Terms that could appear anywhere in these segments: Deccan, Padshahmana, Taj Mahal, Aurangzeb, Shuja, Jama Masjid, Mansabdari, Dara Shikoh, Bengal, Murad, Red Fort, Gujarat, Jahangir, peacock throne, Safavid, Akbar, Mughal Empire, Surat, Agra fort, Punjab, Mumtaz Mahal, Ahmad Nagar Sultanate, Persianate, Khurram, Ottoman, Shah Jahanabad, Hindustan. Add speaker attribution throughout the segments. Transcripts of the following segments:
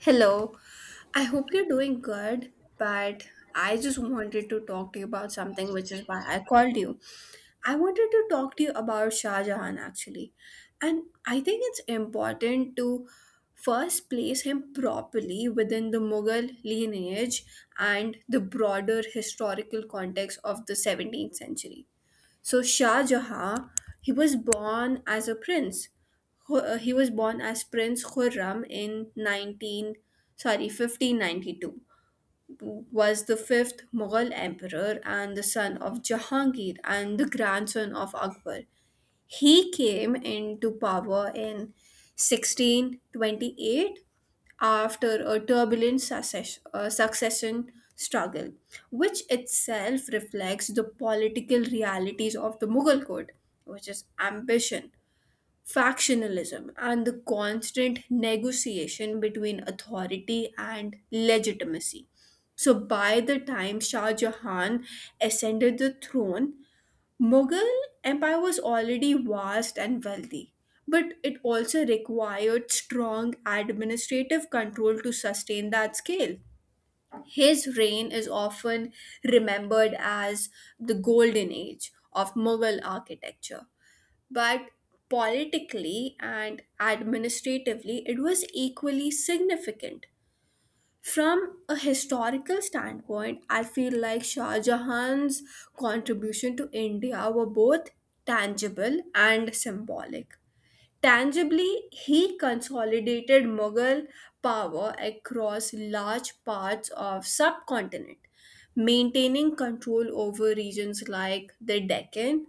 Speaker 1: Hello, I hope you're doing good, but I just wanted to talk to you about something, which is why I called you. I wanted to talk to you about Shah Jahan actually, and I think it's important to first place him properly within the Mughal lineage and the broader historical context of the 17th century. So Shah Jahan, he was born as a prince. He was born as Prince Khurram in 19, sorry, 1592. Was the fifth Mughal emperor and the son of Jahangir and the grandson of Akbar. He came into power in 1628 after a turbulent succession struggle, which itself reflects the political realities of the Mughal court, which is ambition, factionalism, and the constant negotiation between authority and legitimacy. So, by the time Shah Jahan ascended the throne, Mughal empire was already vast and wealthy, but it also required strong administrative control to sustain that scale. His reign is often remembered as the golden age of Mughal architecture, but politically and administratively it was equally significant. From a historical standpoint, I feel like Shah Jahan's contribution to India were both tangible and symbolic. Tangibly, he consolidated Mughal power across large parts of subcontinent, maintaining control over regions like the Deccan,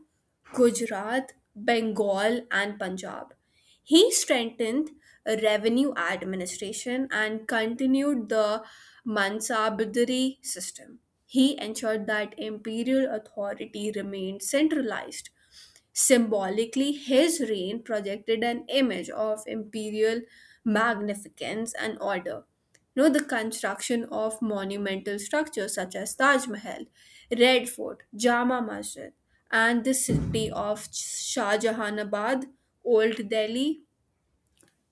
Speaker 1: Gujarat, Bengal, and Punjab. He strengthened revenue administration and continued the Mansabdari system. He ensured that imperial authority remained centralized. Symbolically, his reign projected an image of imperial magnificence and order. The construction of monumental structures such as Taj Mahal, Red Fort, Jama Masjid, and the city of Shah Jahanabad, Old Delhi.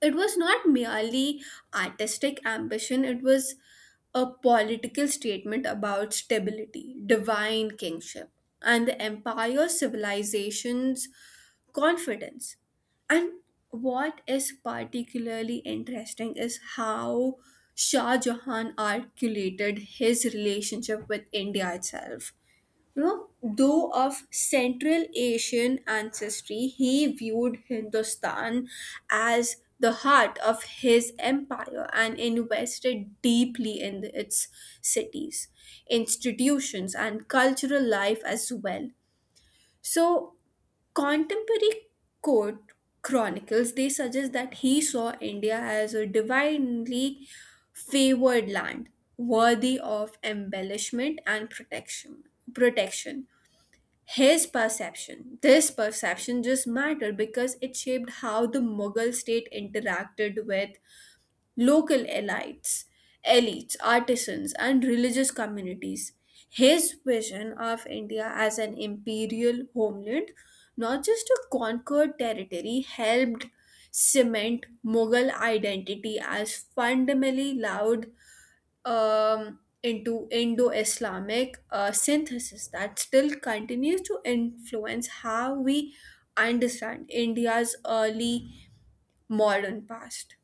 Speaker 1: It was not merely artistic ambition, it was a political statement about stability, divine kingship, and the empire's civilization's confidence. And what is particularly interesting is how Shah Jahan articulated his relationship with India itself. Though of Central Asian ancestry, he viewed Hindustan as the heart of his empire and invested deeply in its cities, institutions, and cultural life as well. So, contemporary court chronicles they suggest that he saw India as a divinely favored land, worthy of embellishment and protection. This perception just mattered because it shaped how the Mughal state interacted with local elites, artisans, and religious communities. His vision of India as an imperial homeland, not just a conquered territory, helped cement Mughal identity as fundamentally loud into Indo Islamic synthesis that still continues to influence how we understand India's early modern past.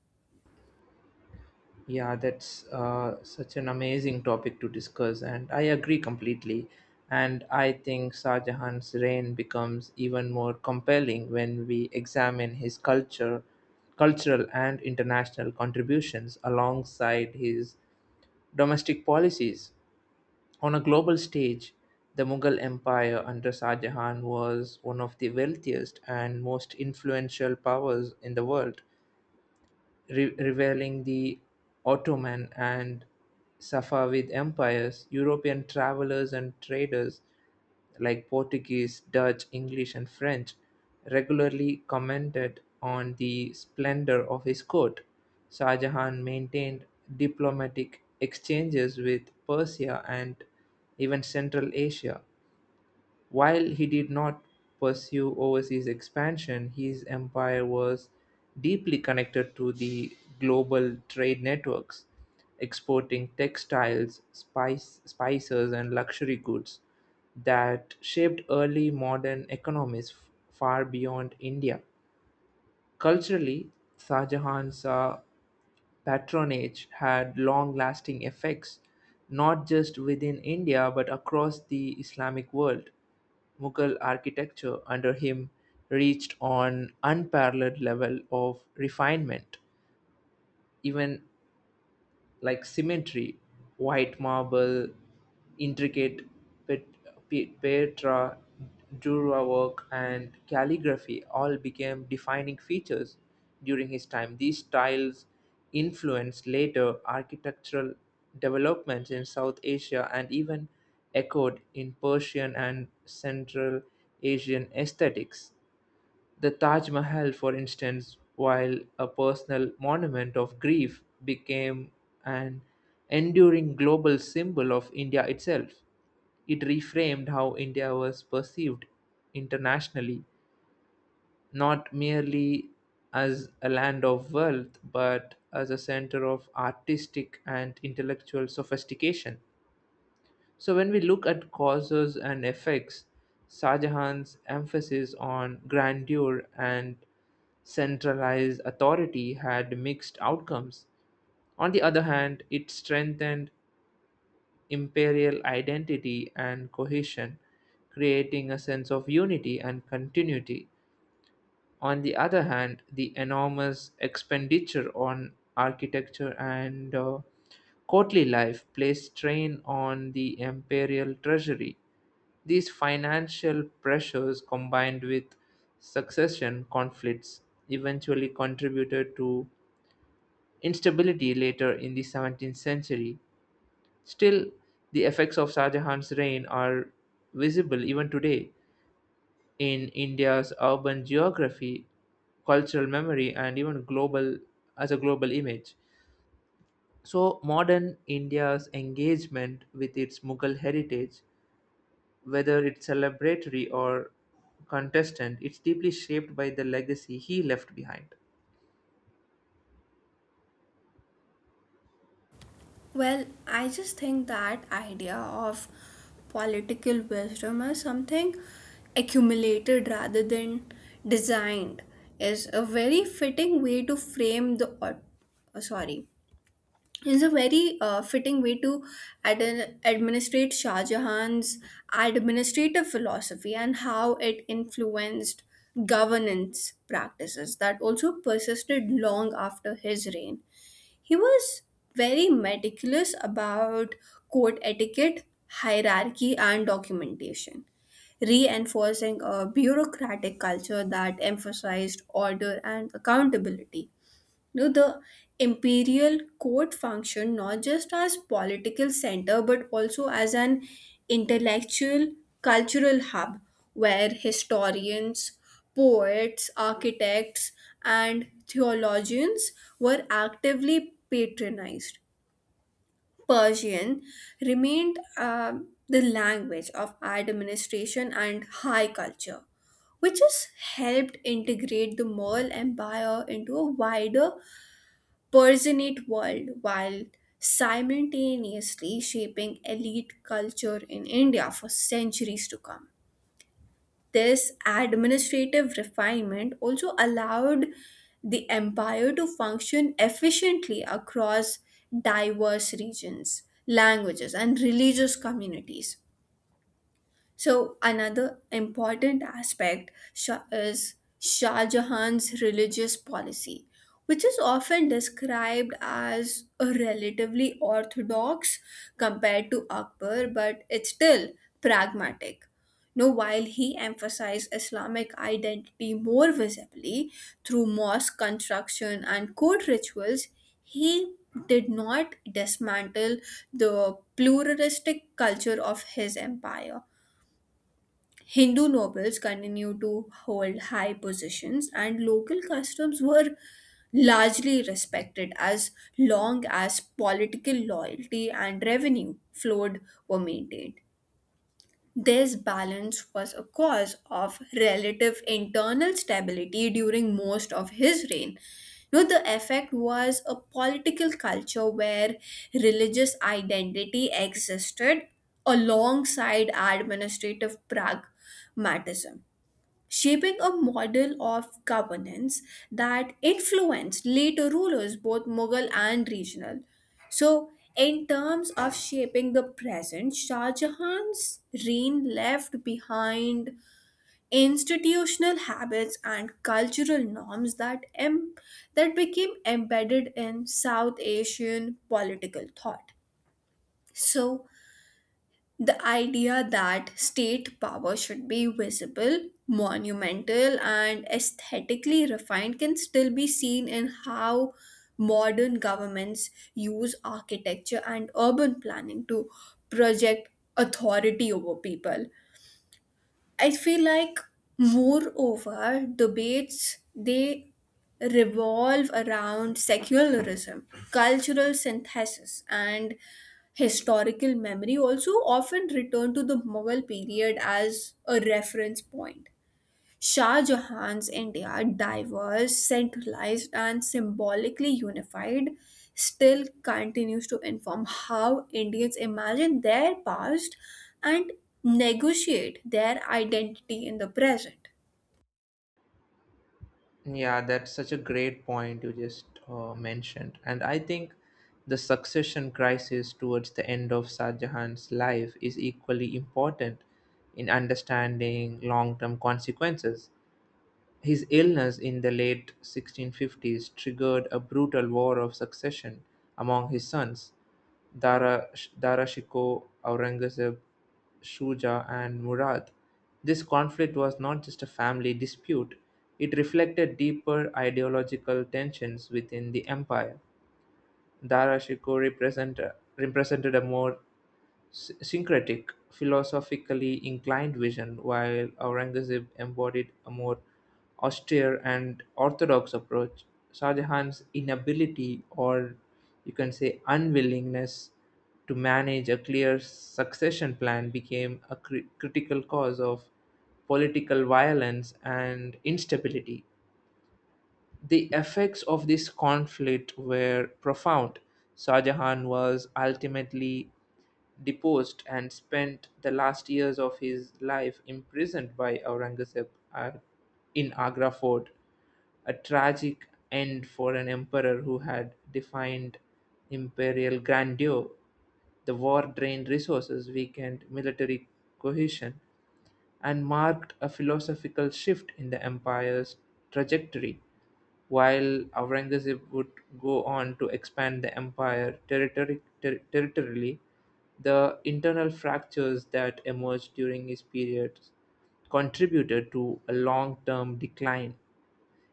Speaker 2: Yeah, that's such an amazing topic to discuss, and I agree completely. And I think Shah Jahan's reign becomes even more compelling when we examine his cultural and international contributions alongside his domestic policies. On a global stage, the Mughal Empire under Shah Jahan was one of the wealthiest and most influential powers in the world revealing the Ottoman and Safavid empires. European travelers and traders like Portuguese, Dutch, English, and French regularly commented on the splendor of his court. Shah Jahan maintained diplomatic exchanges with Persia and even Central Asia. While he did not pursue overseas expansion, his empire was deeply connected to the global trade networks, exporting textiles, spices, and luxury goods that shaped early modern economies far beyond India. Culturally, Shah Jahan saw patronage had long lasting effects not just within India but across the Islamic world. Mughal architecture under him reached an unparalleled level of refinement. Even like symmetry, white marble, intricate pet, Petra Dura work, and calligraphy all became defining features during his time. These styles influenced later architectural developments in South Asia and even echoed in Persian and Central Asian aesthetics. The Taj Mahal, for instance, while a personal monument of grief, became an enduring global symbol of India itself. It reframed how India was perceived internationally, not merely as a land of wealth, but as a center of artistic and intellectual sophistication. So, when we look at causes and effects, Shah Jahan's emphasis on grandeur and centralized authority had mixed outcomes. On the other hand, it strengthened imperial identity and cohesion, creating a sense of unity and continuity. On the other hand, the enormous expenditure on architecture and courtly life placed strain on the imperial treasury. These financial pressures, combined with succession conflicts, eventually contributed to instability later in the 17th century. Still, the effects of Shah Jahan's reign are visible even today in India's urban geography, cultural memory, and even global as a global image. So, modern India's engagement with its Mughal heritage, whether it's celebratory or contestant, it's deeply shaped by the legacy he left behind.
Speaker 1: Well, I just think that idea of political wisdom as something accumulated rather than designed is a very fitting way to frame the au- sorry is a very fitting way to administrate Shah Jahan's administrative philosophy and how it influenced governance practices that also persisted long after his reign. He was very meticulous about court etiquette, hierarchy, and documentation, reinforcing a bureaucratic culture that emphasized order and accountability. No, the imperial court functioned not just as political center but also as an intellectual cultural hub where historians, poets, architects and theologians were actively patronized. Persian remained the language of administration and high culture which has helped integrate the Mughal Empire into a wider Persianate world while simultaneously shaping elite culture in India for centuries to come. This administrative refinement also allowed the empire to function efficiently across diverse regions, languages, and religious communities. So, another important aspect sha- is Shah Jahan's religious policy, which is often described as a relatively orthodox compared to Akbar, but it's still pragmatic. Now, while he emphasized Islamic identity more visibly through mosque construction and court rituals, he did not dismantle the pluralistic culture of his empire. Hindu nobles continued to hold high positions, and local customs were largely respected as long as political loyalty and revenue flowed were maintained. This balance was a cause of relative internal stability during most of his reign. Now, the effect was a political culture where religious identity existed alongside administrative pragmatism shaping a model of governance that influenced later rulers, both Mughal and regional. So, in terms of shaping the present, Shah Jahan's reign left behind institutional habits and cultural norms that became embedded in South Asian political thought. So, the idea that state power should be visible, monumental, and aesthetically refined can still be seen in how modern governments use architecture and urban planning to project authority over people. I feel like moreover debates they revolve around secularism, cultural synthesis and historical memory also often return to the Mughal period as a reference point. Shah Jahan's India, diverse, centralized, and symbolically unified, still continues to inform how Indians imagine their past and negotiate their identity in the present.
Speaker 2: Yeah, that's such a great point you just mentioned. And I think the succession crisis towards the end of Shah Jahan's life is equally important in understanding long term consequences. His illness in the late 1650s triggered a brutal war of succession among his sons, Dara Dara Shikoh, Aurangzeb, Shuja and Murad. This conflict was not just a family dispute, it reflected deeper ideological tensions within the empire. Dara Shikoh represent- represented a more syncretic, philosophically inclined vision, while Aurangzeb embodied a more austere and orthodox approach. Shah Jahan's inability, or you can say unwillingness, to manage a clear succession plan became a critical cause of political violence and instability. The effects of this conflict were profound. Shah Jahan was ultimately deposed and spent the last years of his life imprisoned by Aurangzeb, uh, in Agra fort, a tragic end for an emperor who had defined imperial grandeur. The war drained resources, weakened military cohesion, and marked a philosophical shift in the empire's trajectory. While Aurangzeb would go on to expand the empire territorially, the internal fractures that emerged during his period contributed to a long term decline.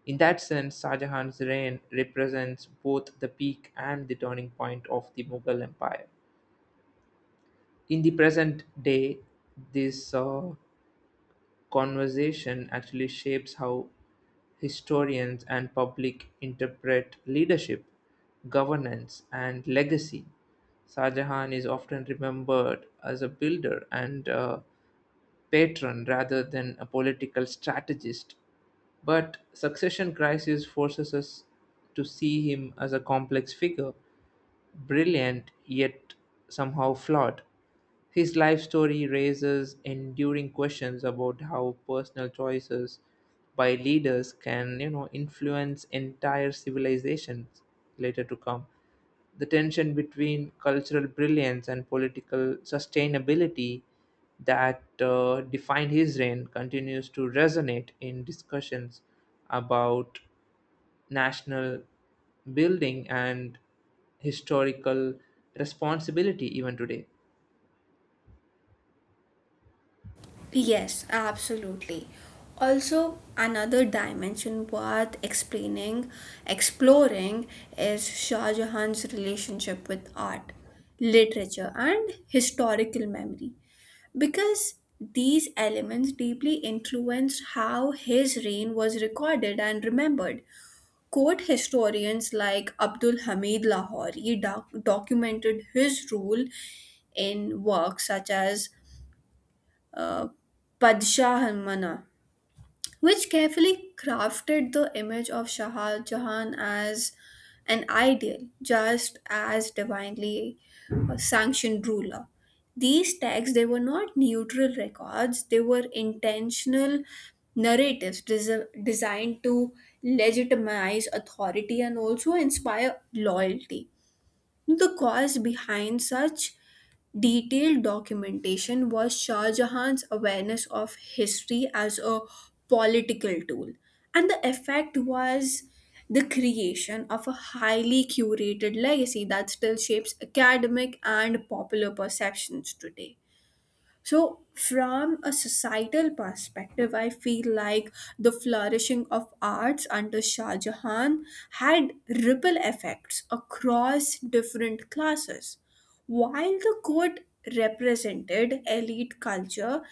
Speaker 2: In that sense, Shah Jahan's reign represents both the peak and the turning point of the Mughal Empire. In the present day, this conversation actually shapes how historians and public interpret leadership, governance, and legacy. Shah Jahan is often remembered as a builder and a patron rather than a political strategist, but succession crisis forces us to see him as a complex figure, brilliant yet somehow flawed. His life story raises enduring questions about how personal choices by leaders can, you know, influence entire civilizations later to come. The tension between cultural brilliance and political sustainability that defined his reign continues to resonate in discussions about national building and historical responsibility even today.
Speaker 1: Yes, absolutely. Also, another dimension worth exploring is Shah Jahan's relationship with art, literature, and historical memory. Because these elements deeply influenced how his reign was recorded and remembered. Court historians like Abdul Hamid Lahori documented his rule in works such as uh, Padshahmana, which carefully crafted the image of Shah Jahan as an ideal, just as divinely sanctioned ruler. These texts they were not neutral records; they were intentional narratives designed to legitimize authority and also inspire loyalty. The cause behind such detailed documentation was Shah Jahan's awareness of history as a political tool, and the effect was the creation of a highly curated legacy that still shapes academic and popular perceptions today. So, from a societal perspective, I feel like the flourishing of arts under Shah Jahan had ripple effects across different classes. While the court represented elite culture,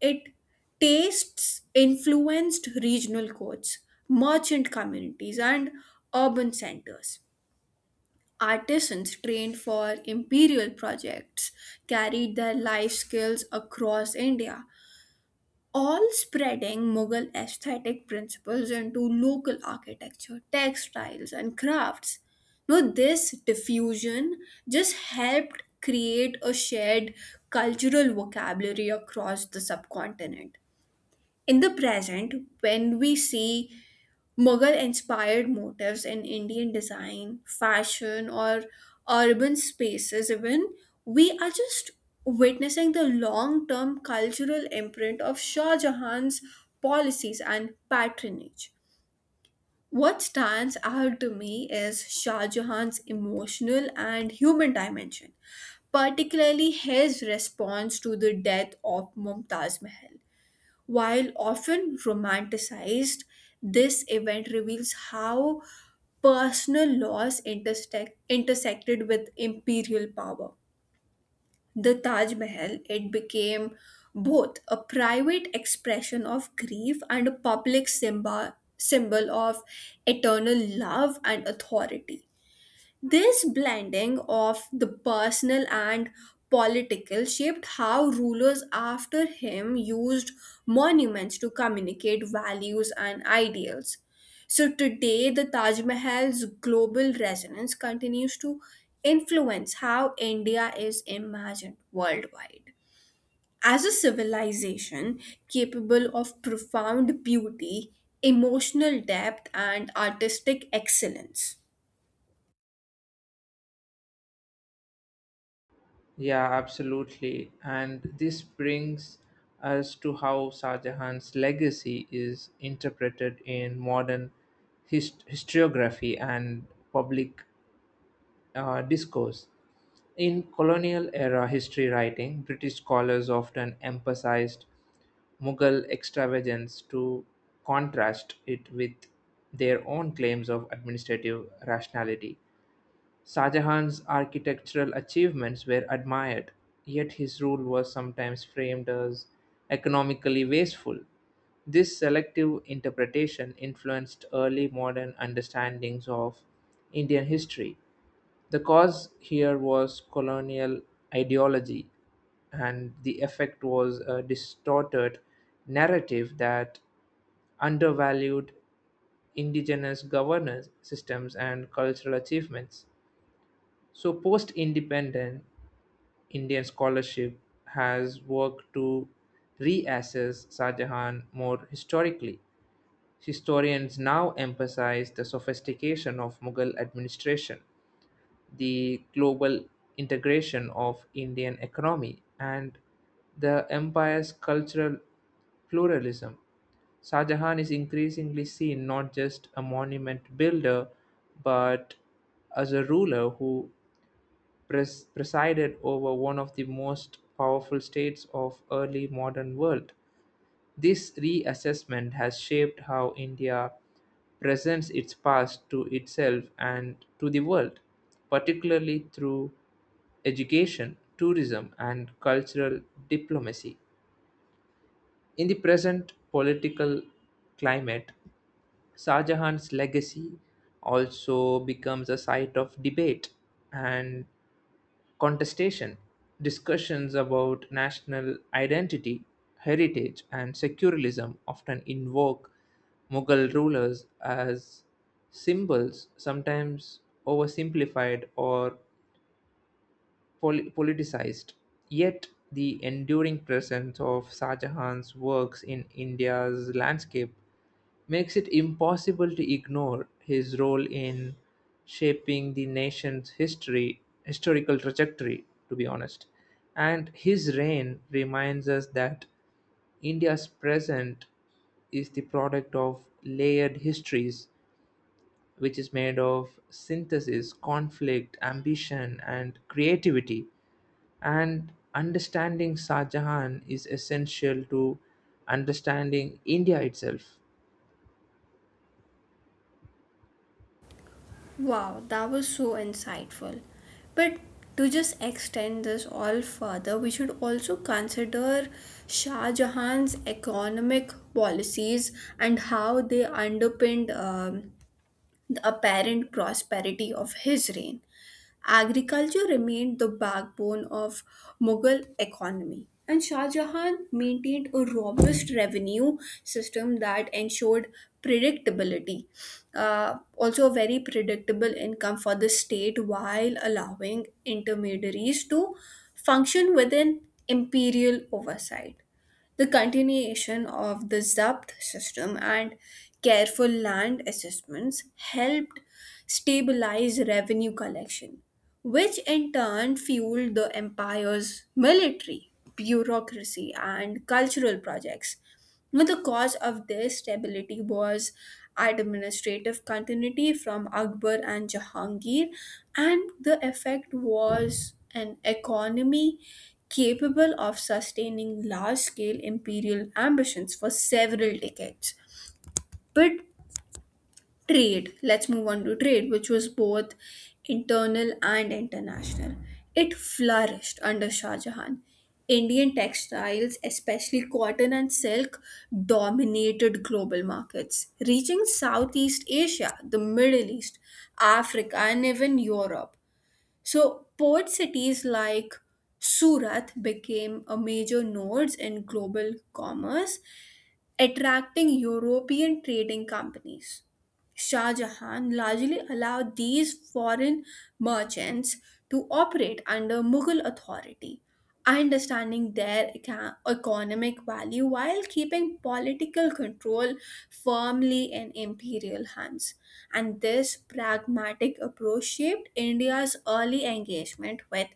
Speaker 1: it tastes influenced regional courts, merchant communities, and urban centers. Artisans trained for imperial projects carried their life skills across India, all spreading Mughal aesthetic principles into local architecture, textiles, and crafts. Now, this diffusion just helped create a shared cultural vocabulary across the subcontinent. In the present, when we see Mughal inspired motifs in Indian design, fashion, or urban spaces, even, we are just witnessing the long term cultural imprint of Shah Jahan's policies and patronage. What stands out to me is Shah Jahan's emotional and human dimension, particularly his response to the death of Mumtaz Mahal. While often romanticized, this event reveals how personal loss intersected with imperial power. The Taj Mahal, it became both a private expression of grief and a public symbol of eternal love and authority. This blending of the personal and political shaped how rulers after him used monuments to communicate values and ideals. So today, the Taj Mahal's global resonance continues to influence how India is imagined worldwide. As a civilization capable of profound beauty, emotional depth, and artistic excellence.
Speaker 2: Yeah, absolutely. And this brings us to how Shah Jahan's legacy is interpreted in modern historiography and public discourse. In colonial era history writing, British scholars often emphasized Mughal extravagance to contrast it with their own claims of administrative rationality. Shah architectural achievements were admired, yet his rule was sometimes framed as economically wasteful. This selective interpretation influenced early modern understandings of Indian history. The cause here was colonial ideology, and the effect was a distorted narrative that undervalued indigenous governance systems and cultural achievements. So, post independent Indian scholarship has worked to reassess Shah Jahan more historically. Historians now emphasize the sophistication of Mughal administration, the global integration of Indian economy, and the empire's cultural pluralism. Shah Jahan is increasingly seen not just a monument builder but as a ruler who presided over one of the most powerful states of early modern world. This reassessment has shaped how India presents its past to itself and to the world, particularly through education, tourism, and cultural diplomacy. In the present political climate, Shah Jahan's legacy also becomes a site of debate and contestation. Discussions about national identity, heritage, and secularism often invoke Mughal rulers as symbols, sometimes oversimplified or politicized. Yet, the enduring presence of Shah Jahan's works in India's landscape makes it impossible to ignore his role in shaping the nation's history historical trajectory, to be honest. And his reign reminds us that India's present is the product of layered histories, which is made of synthesis, conflict, ambition and creativity, and understanding Shah Jahan is essential to understanding India itself.
Speaker 1: Wow, that was so insightful. But to just extend this all further, we should also consider Shah Jahan's economic policies and how they underpinned the apparent prosperity of his reign. Agriculture remained the backbone of Mughal economy, and Shah Jahan maintained a robust revenue system that ensured predictability, also a very predictable income for the state while allowing intermediaries to function within imperial oversight. The continuation of the zapt system and careful land assessments helped stabilize revenue collection, which in turn fueled the empire's military bureaucracy and cultural projects. Now, the cause of this stability was administrative continuity from Akbar and Jahangir, and the effect was an economy capable of sustaining large scale imperial ambitions for several decades. But trade, let's move on to trade, which was both internal and international. It flourished under Shah Jahan. Indian textiles, especially cotton and silk, dominated global markets, reaching Southeast Asia, the Middle East, Africa, and even Europe. So port cities like Surat became a major nodes in global commerce, attracting European trading companies. Shah Jahan largely allowed these foreign merchants to operate under Mughal authority, understanding their economic value while keeping political control firmly in imperial hands. And this pragmatic approach shaped India's early engagement with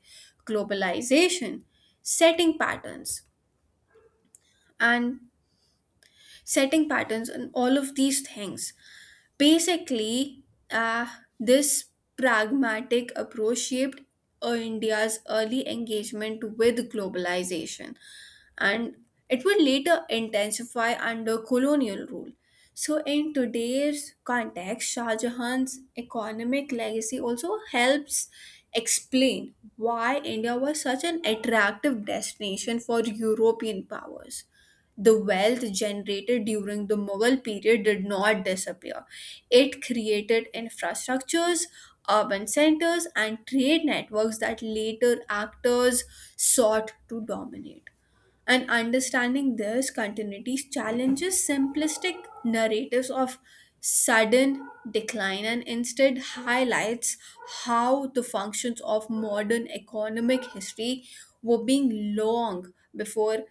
Speaker 1: globalization, setting patterns and setting patterns and all of these things. Basically, uh, this pragmatic approach shaped India's early engagement with globalization, and it would later intensify under colonial rule. So, in today's context, Shah Jahan's economic legacy also helps explain why India was such an attractive destination for European powers. The wealth generated during the Mughal period did not disappear. It created infrastructures, urban centers, and trade networks that later actors sought to dominate. And understanding this continuity challenges simplistic narratives of sudden decline and instead highlights how the functions of modern economic history were being long before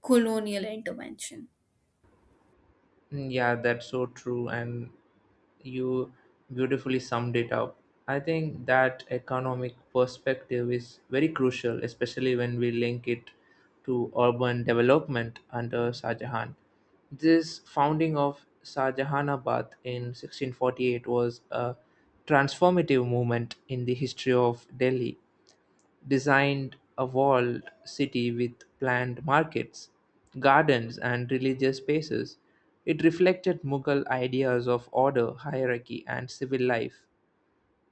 Speaker 1: colonial intervention.
Speaker 2: Mm, yeah, that's so true, and you beautifully summed it up. I think that economic perspective is very crucial, especially when we link it to urban development under Shah Jahan. This founding of Shah Jahanabad in 1648 was a transformative moment in the history of Delhi, designed a walled city with planned markets, gardens, and religious spaces. It reflected Mughal ideas of order, hierarchy, and civil life.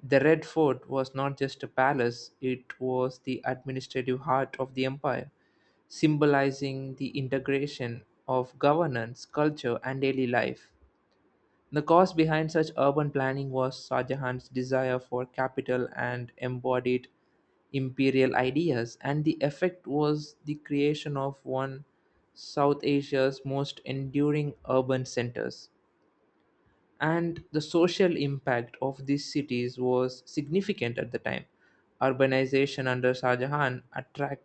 Speaker 2: The Red Fort was not just a palace, it was the administrative heart of the empire, symbolizing the integration of governance, culture, and daily life. The cause behind such urban planning was Shah Jahan's desire for capital and embodied imperial ideas, and the effect was the creation of one South Asia's most enduring urban centers. And the social impact of these cities was significant at the time. Urbanization under Shah Jahan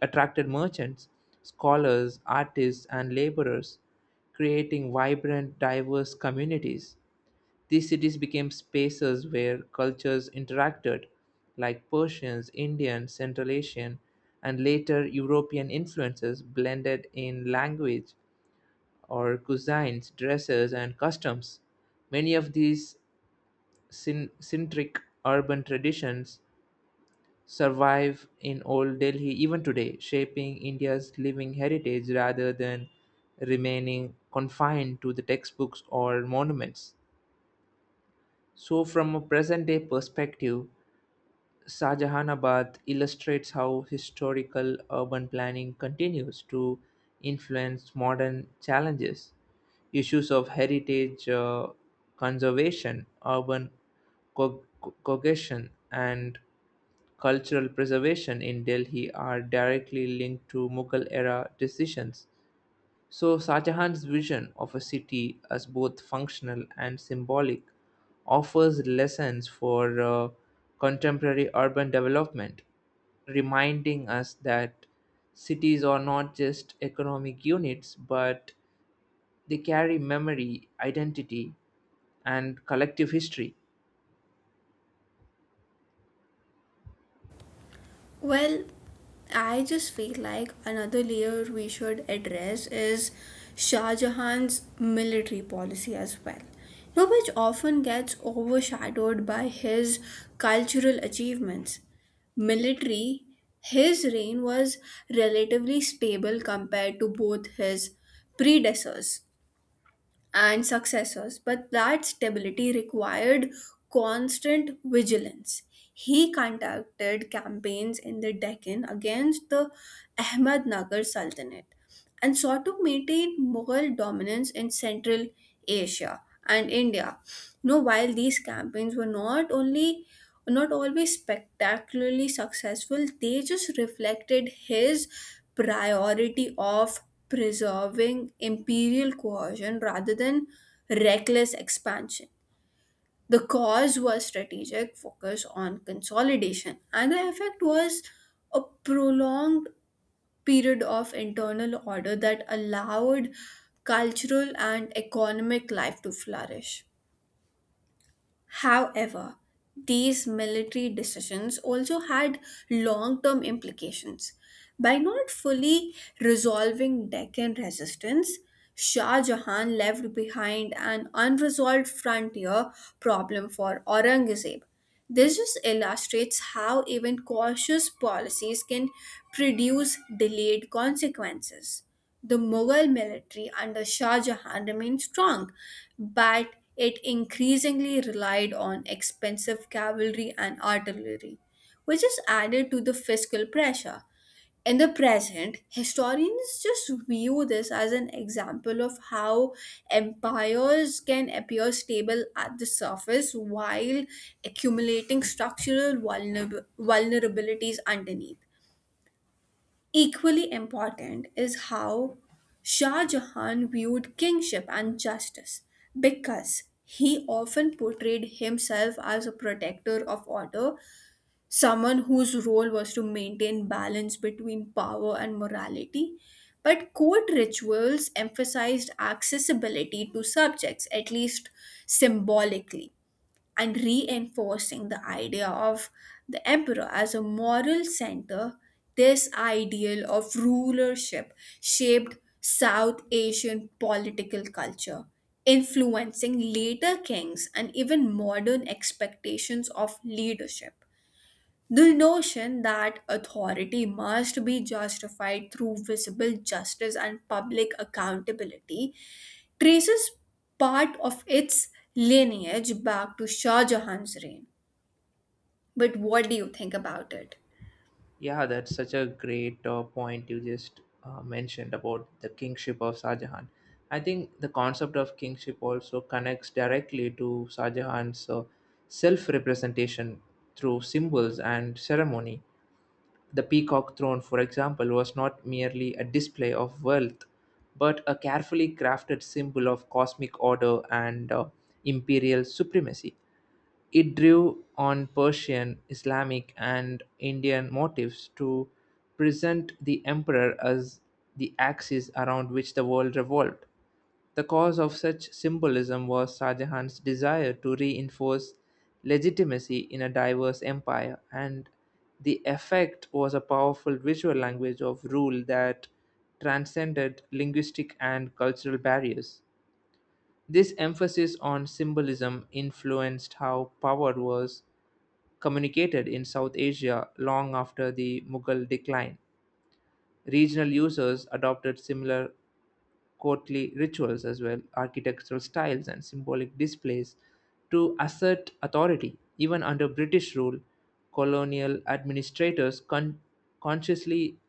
Speaker 2: attracted merchants, scholars, artists, and laborers, creating vibrant, diverse communities. These cities became spaces where cultures interacted, like Persians, Indian, Central Asian, and later European influences blended in language or cuisines, dresses, and customs. Many of these centric urban traditions survive in old Delhi even today, shaping India's living heritage rather than remaining confined to the textbooks or monuments. So, from a present day perspective, Shahjahanabad illustrates how historical urban planning continues to influence modern challenges. Issues of heritage conservation, urban cohesion, and cultural preservation in Delhi are directly linked to Mughal era decisions. So, Shah Jahan's vision of a city as both functional and symbolic offers lessons for contemporary urban development, reminding us that cities are not just economic units, but they carry memory, identity, and collective history.
Speaker 1: Well, I just feel like another layer we should address is Shah Jahan's military policy as well, you know, which often gets overshadowed by his cultural achievements. Military, his reign was relatively stable compared to both his predecessors and successors, but that stability required constant vigilance. He conducted campaigns in the Deccan against the Ahmad Nagar Sultanate, and sought to maintain Mughal dominance in Central Asia and India. Now, while these campaigns were not always spectacularly successful, they just reflected his priority of preserving imperial cohesion rather than reckless expansion. The cause was strategic focus on consolidation, and the effect was a prolonged period of internal order that allowed cultural and economic life to flourish. However, these military decisions also had long term implications. By not fully resolving Deccan resistance, Shah Jahan left behind an unresolved frontier problem for Aurangzeb. This just illustrates how even cautious policies can produce delayed consequences. The Mughal military under Shah Jahan remained strong, but it increasingly relied on expensive cavalry and artillery, which is added to the fiscal pressure. In the present, historians just view this as an example of how empires can appear stable at the surface while accumulating structural vulnerabilities underneath. Equally important is how Shah Jahan viewed kingship and justice because he often portrayed himself as a protector of order, someone whose role was to maintain balance between power and morality. But court rituals emphasized accessibility to subjects, at least symbolically, and reinforcing the idea of the emperor as a moral center, this ideal of rulership shaped South Asian political culture, influencing later kings and even modern expectations of leadership. The notion that authority must be justified through visible justice and public accountability traces part of its lineage back to Shah Jahan's reign. But what do you think about it?
Speaker 2: Yeah, that's such a great point you just mentioned about the kingship of Shah Jahan. I think the concept of kingship also connects directly to Shah Jahan's self representation through symbols and ceremony. The peacock throne, for example, was not merely a display of wealth, but a carefully crafted symbol of cosmic order and imperial supremacy. It drew on Persian, Islamic and Indian motifs to present the emperor as the axis around which the world revolved. The cause of such symbolism was Shah Jahan's desire to reinforce legitimacy in a diverse empire, and the effect was a powerful visual language of rule that transcended linguistic and cultural barriers. This emphasis on symbolism influenced how power was communicated in South Asia long after the Mughal decline. Regional users adopted similar courtly rituals as well, architectural styles, and symbolic displays to assert authority. Even under British rule, colonial administrators consciously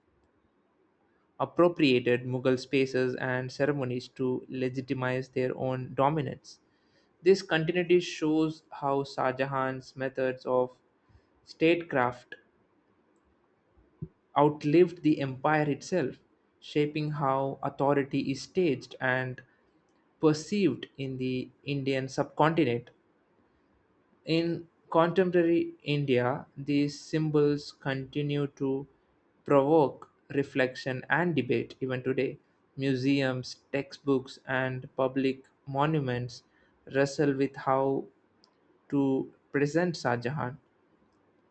Speaker 2: appropriated Mughal spaces and ceremonies to legitimize their own dominance. This continuity shows how Shah Jahan's methods of statecraft outlived the empire itself, shaping how authority is staged and perceived in the Indian subcontinent. In contemporary India, these symbols continue to provoke reflection and debate even today. Museums, textbooks, and public monuments wrestle with how to present Shah Jahan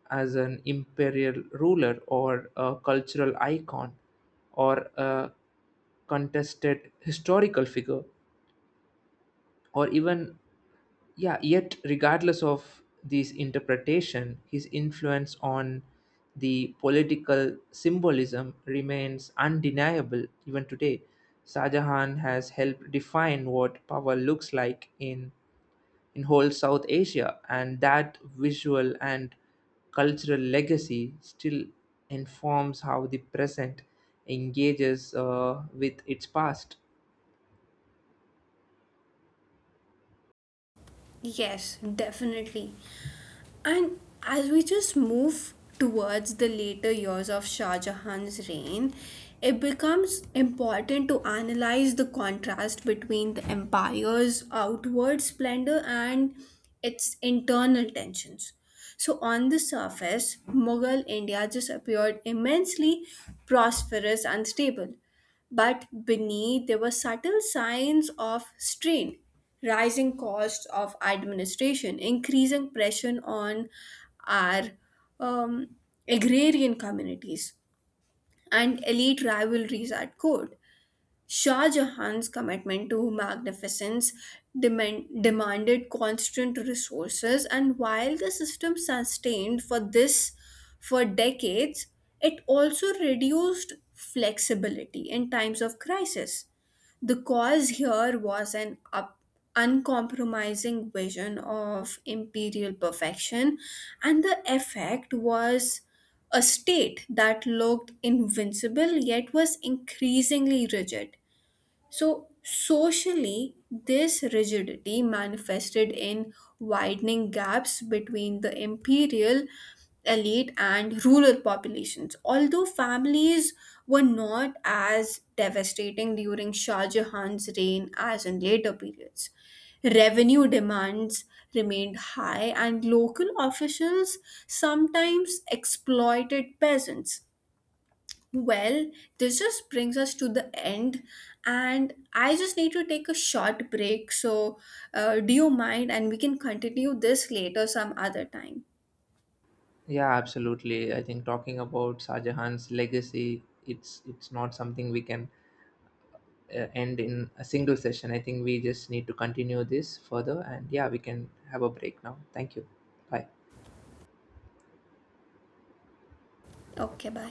Speaker 2: as an imperial ruler or a cultural icon or a contested historical figure or even yeah, yet regardless of this interpretation, his influence on the political symbolism remains undeniable even today. Shah Jahan has helped define what power looks like in whole South Asia, and that visual and cultural legacy still informs how the present engages with its past.
Speaker 1: Yes, definitely. And as we just move towards the later years of Shah Jahan's reign, it becomes important to analyze the contrast between the empire's outward splendor and its internal tensions. So, on the surface, Mughal India just appeared immensely prosperous and stable. But beneath, there were subtle signs of strain, rising costs of administration, increasing pressure on our um, agrarian communities, and elite rivalries at court. Shah Jahan's commitment to magnificence demanded constant resources, and while the system sustained for decades, it also reduced flexibility in times of crisis. The cause here was an uncompromising vision of imperial perfection, and the effect was a state that looked invincible yet was increasingly rigid. So, socially, this rigidity manifested in widening gaps between the imperial elite and rural populations. Although families were not as devastating during Shah Jahan's reign as in later periods, revenue demands remained high, and local officials sometimes exploited peasants. Well, this just brings us to the end, and I just need to take a short break. So, do you mind? And we can continue this later some other time.
Speaker 2: Yeah, absolutely. I think talking about Shah Jahan's legacy, it's not something we can end in a single session. I think we just need to continue this further, and yeah, we can have a break now. Thank you. Bye.
Speaker 1: Okay, bye.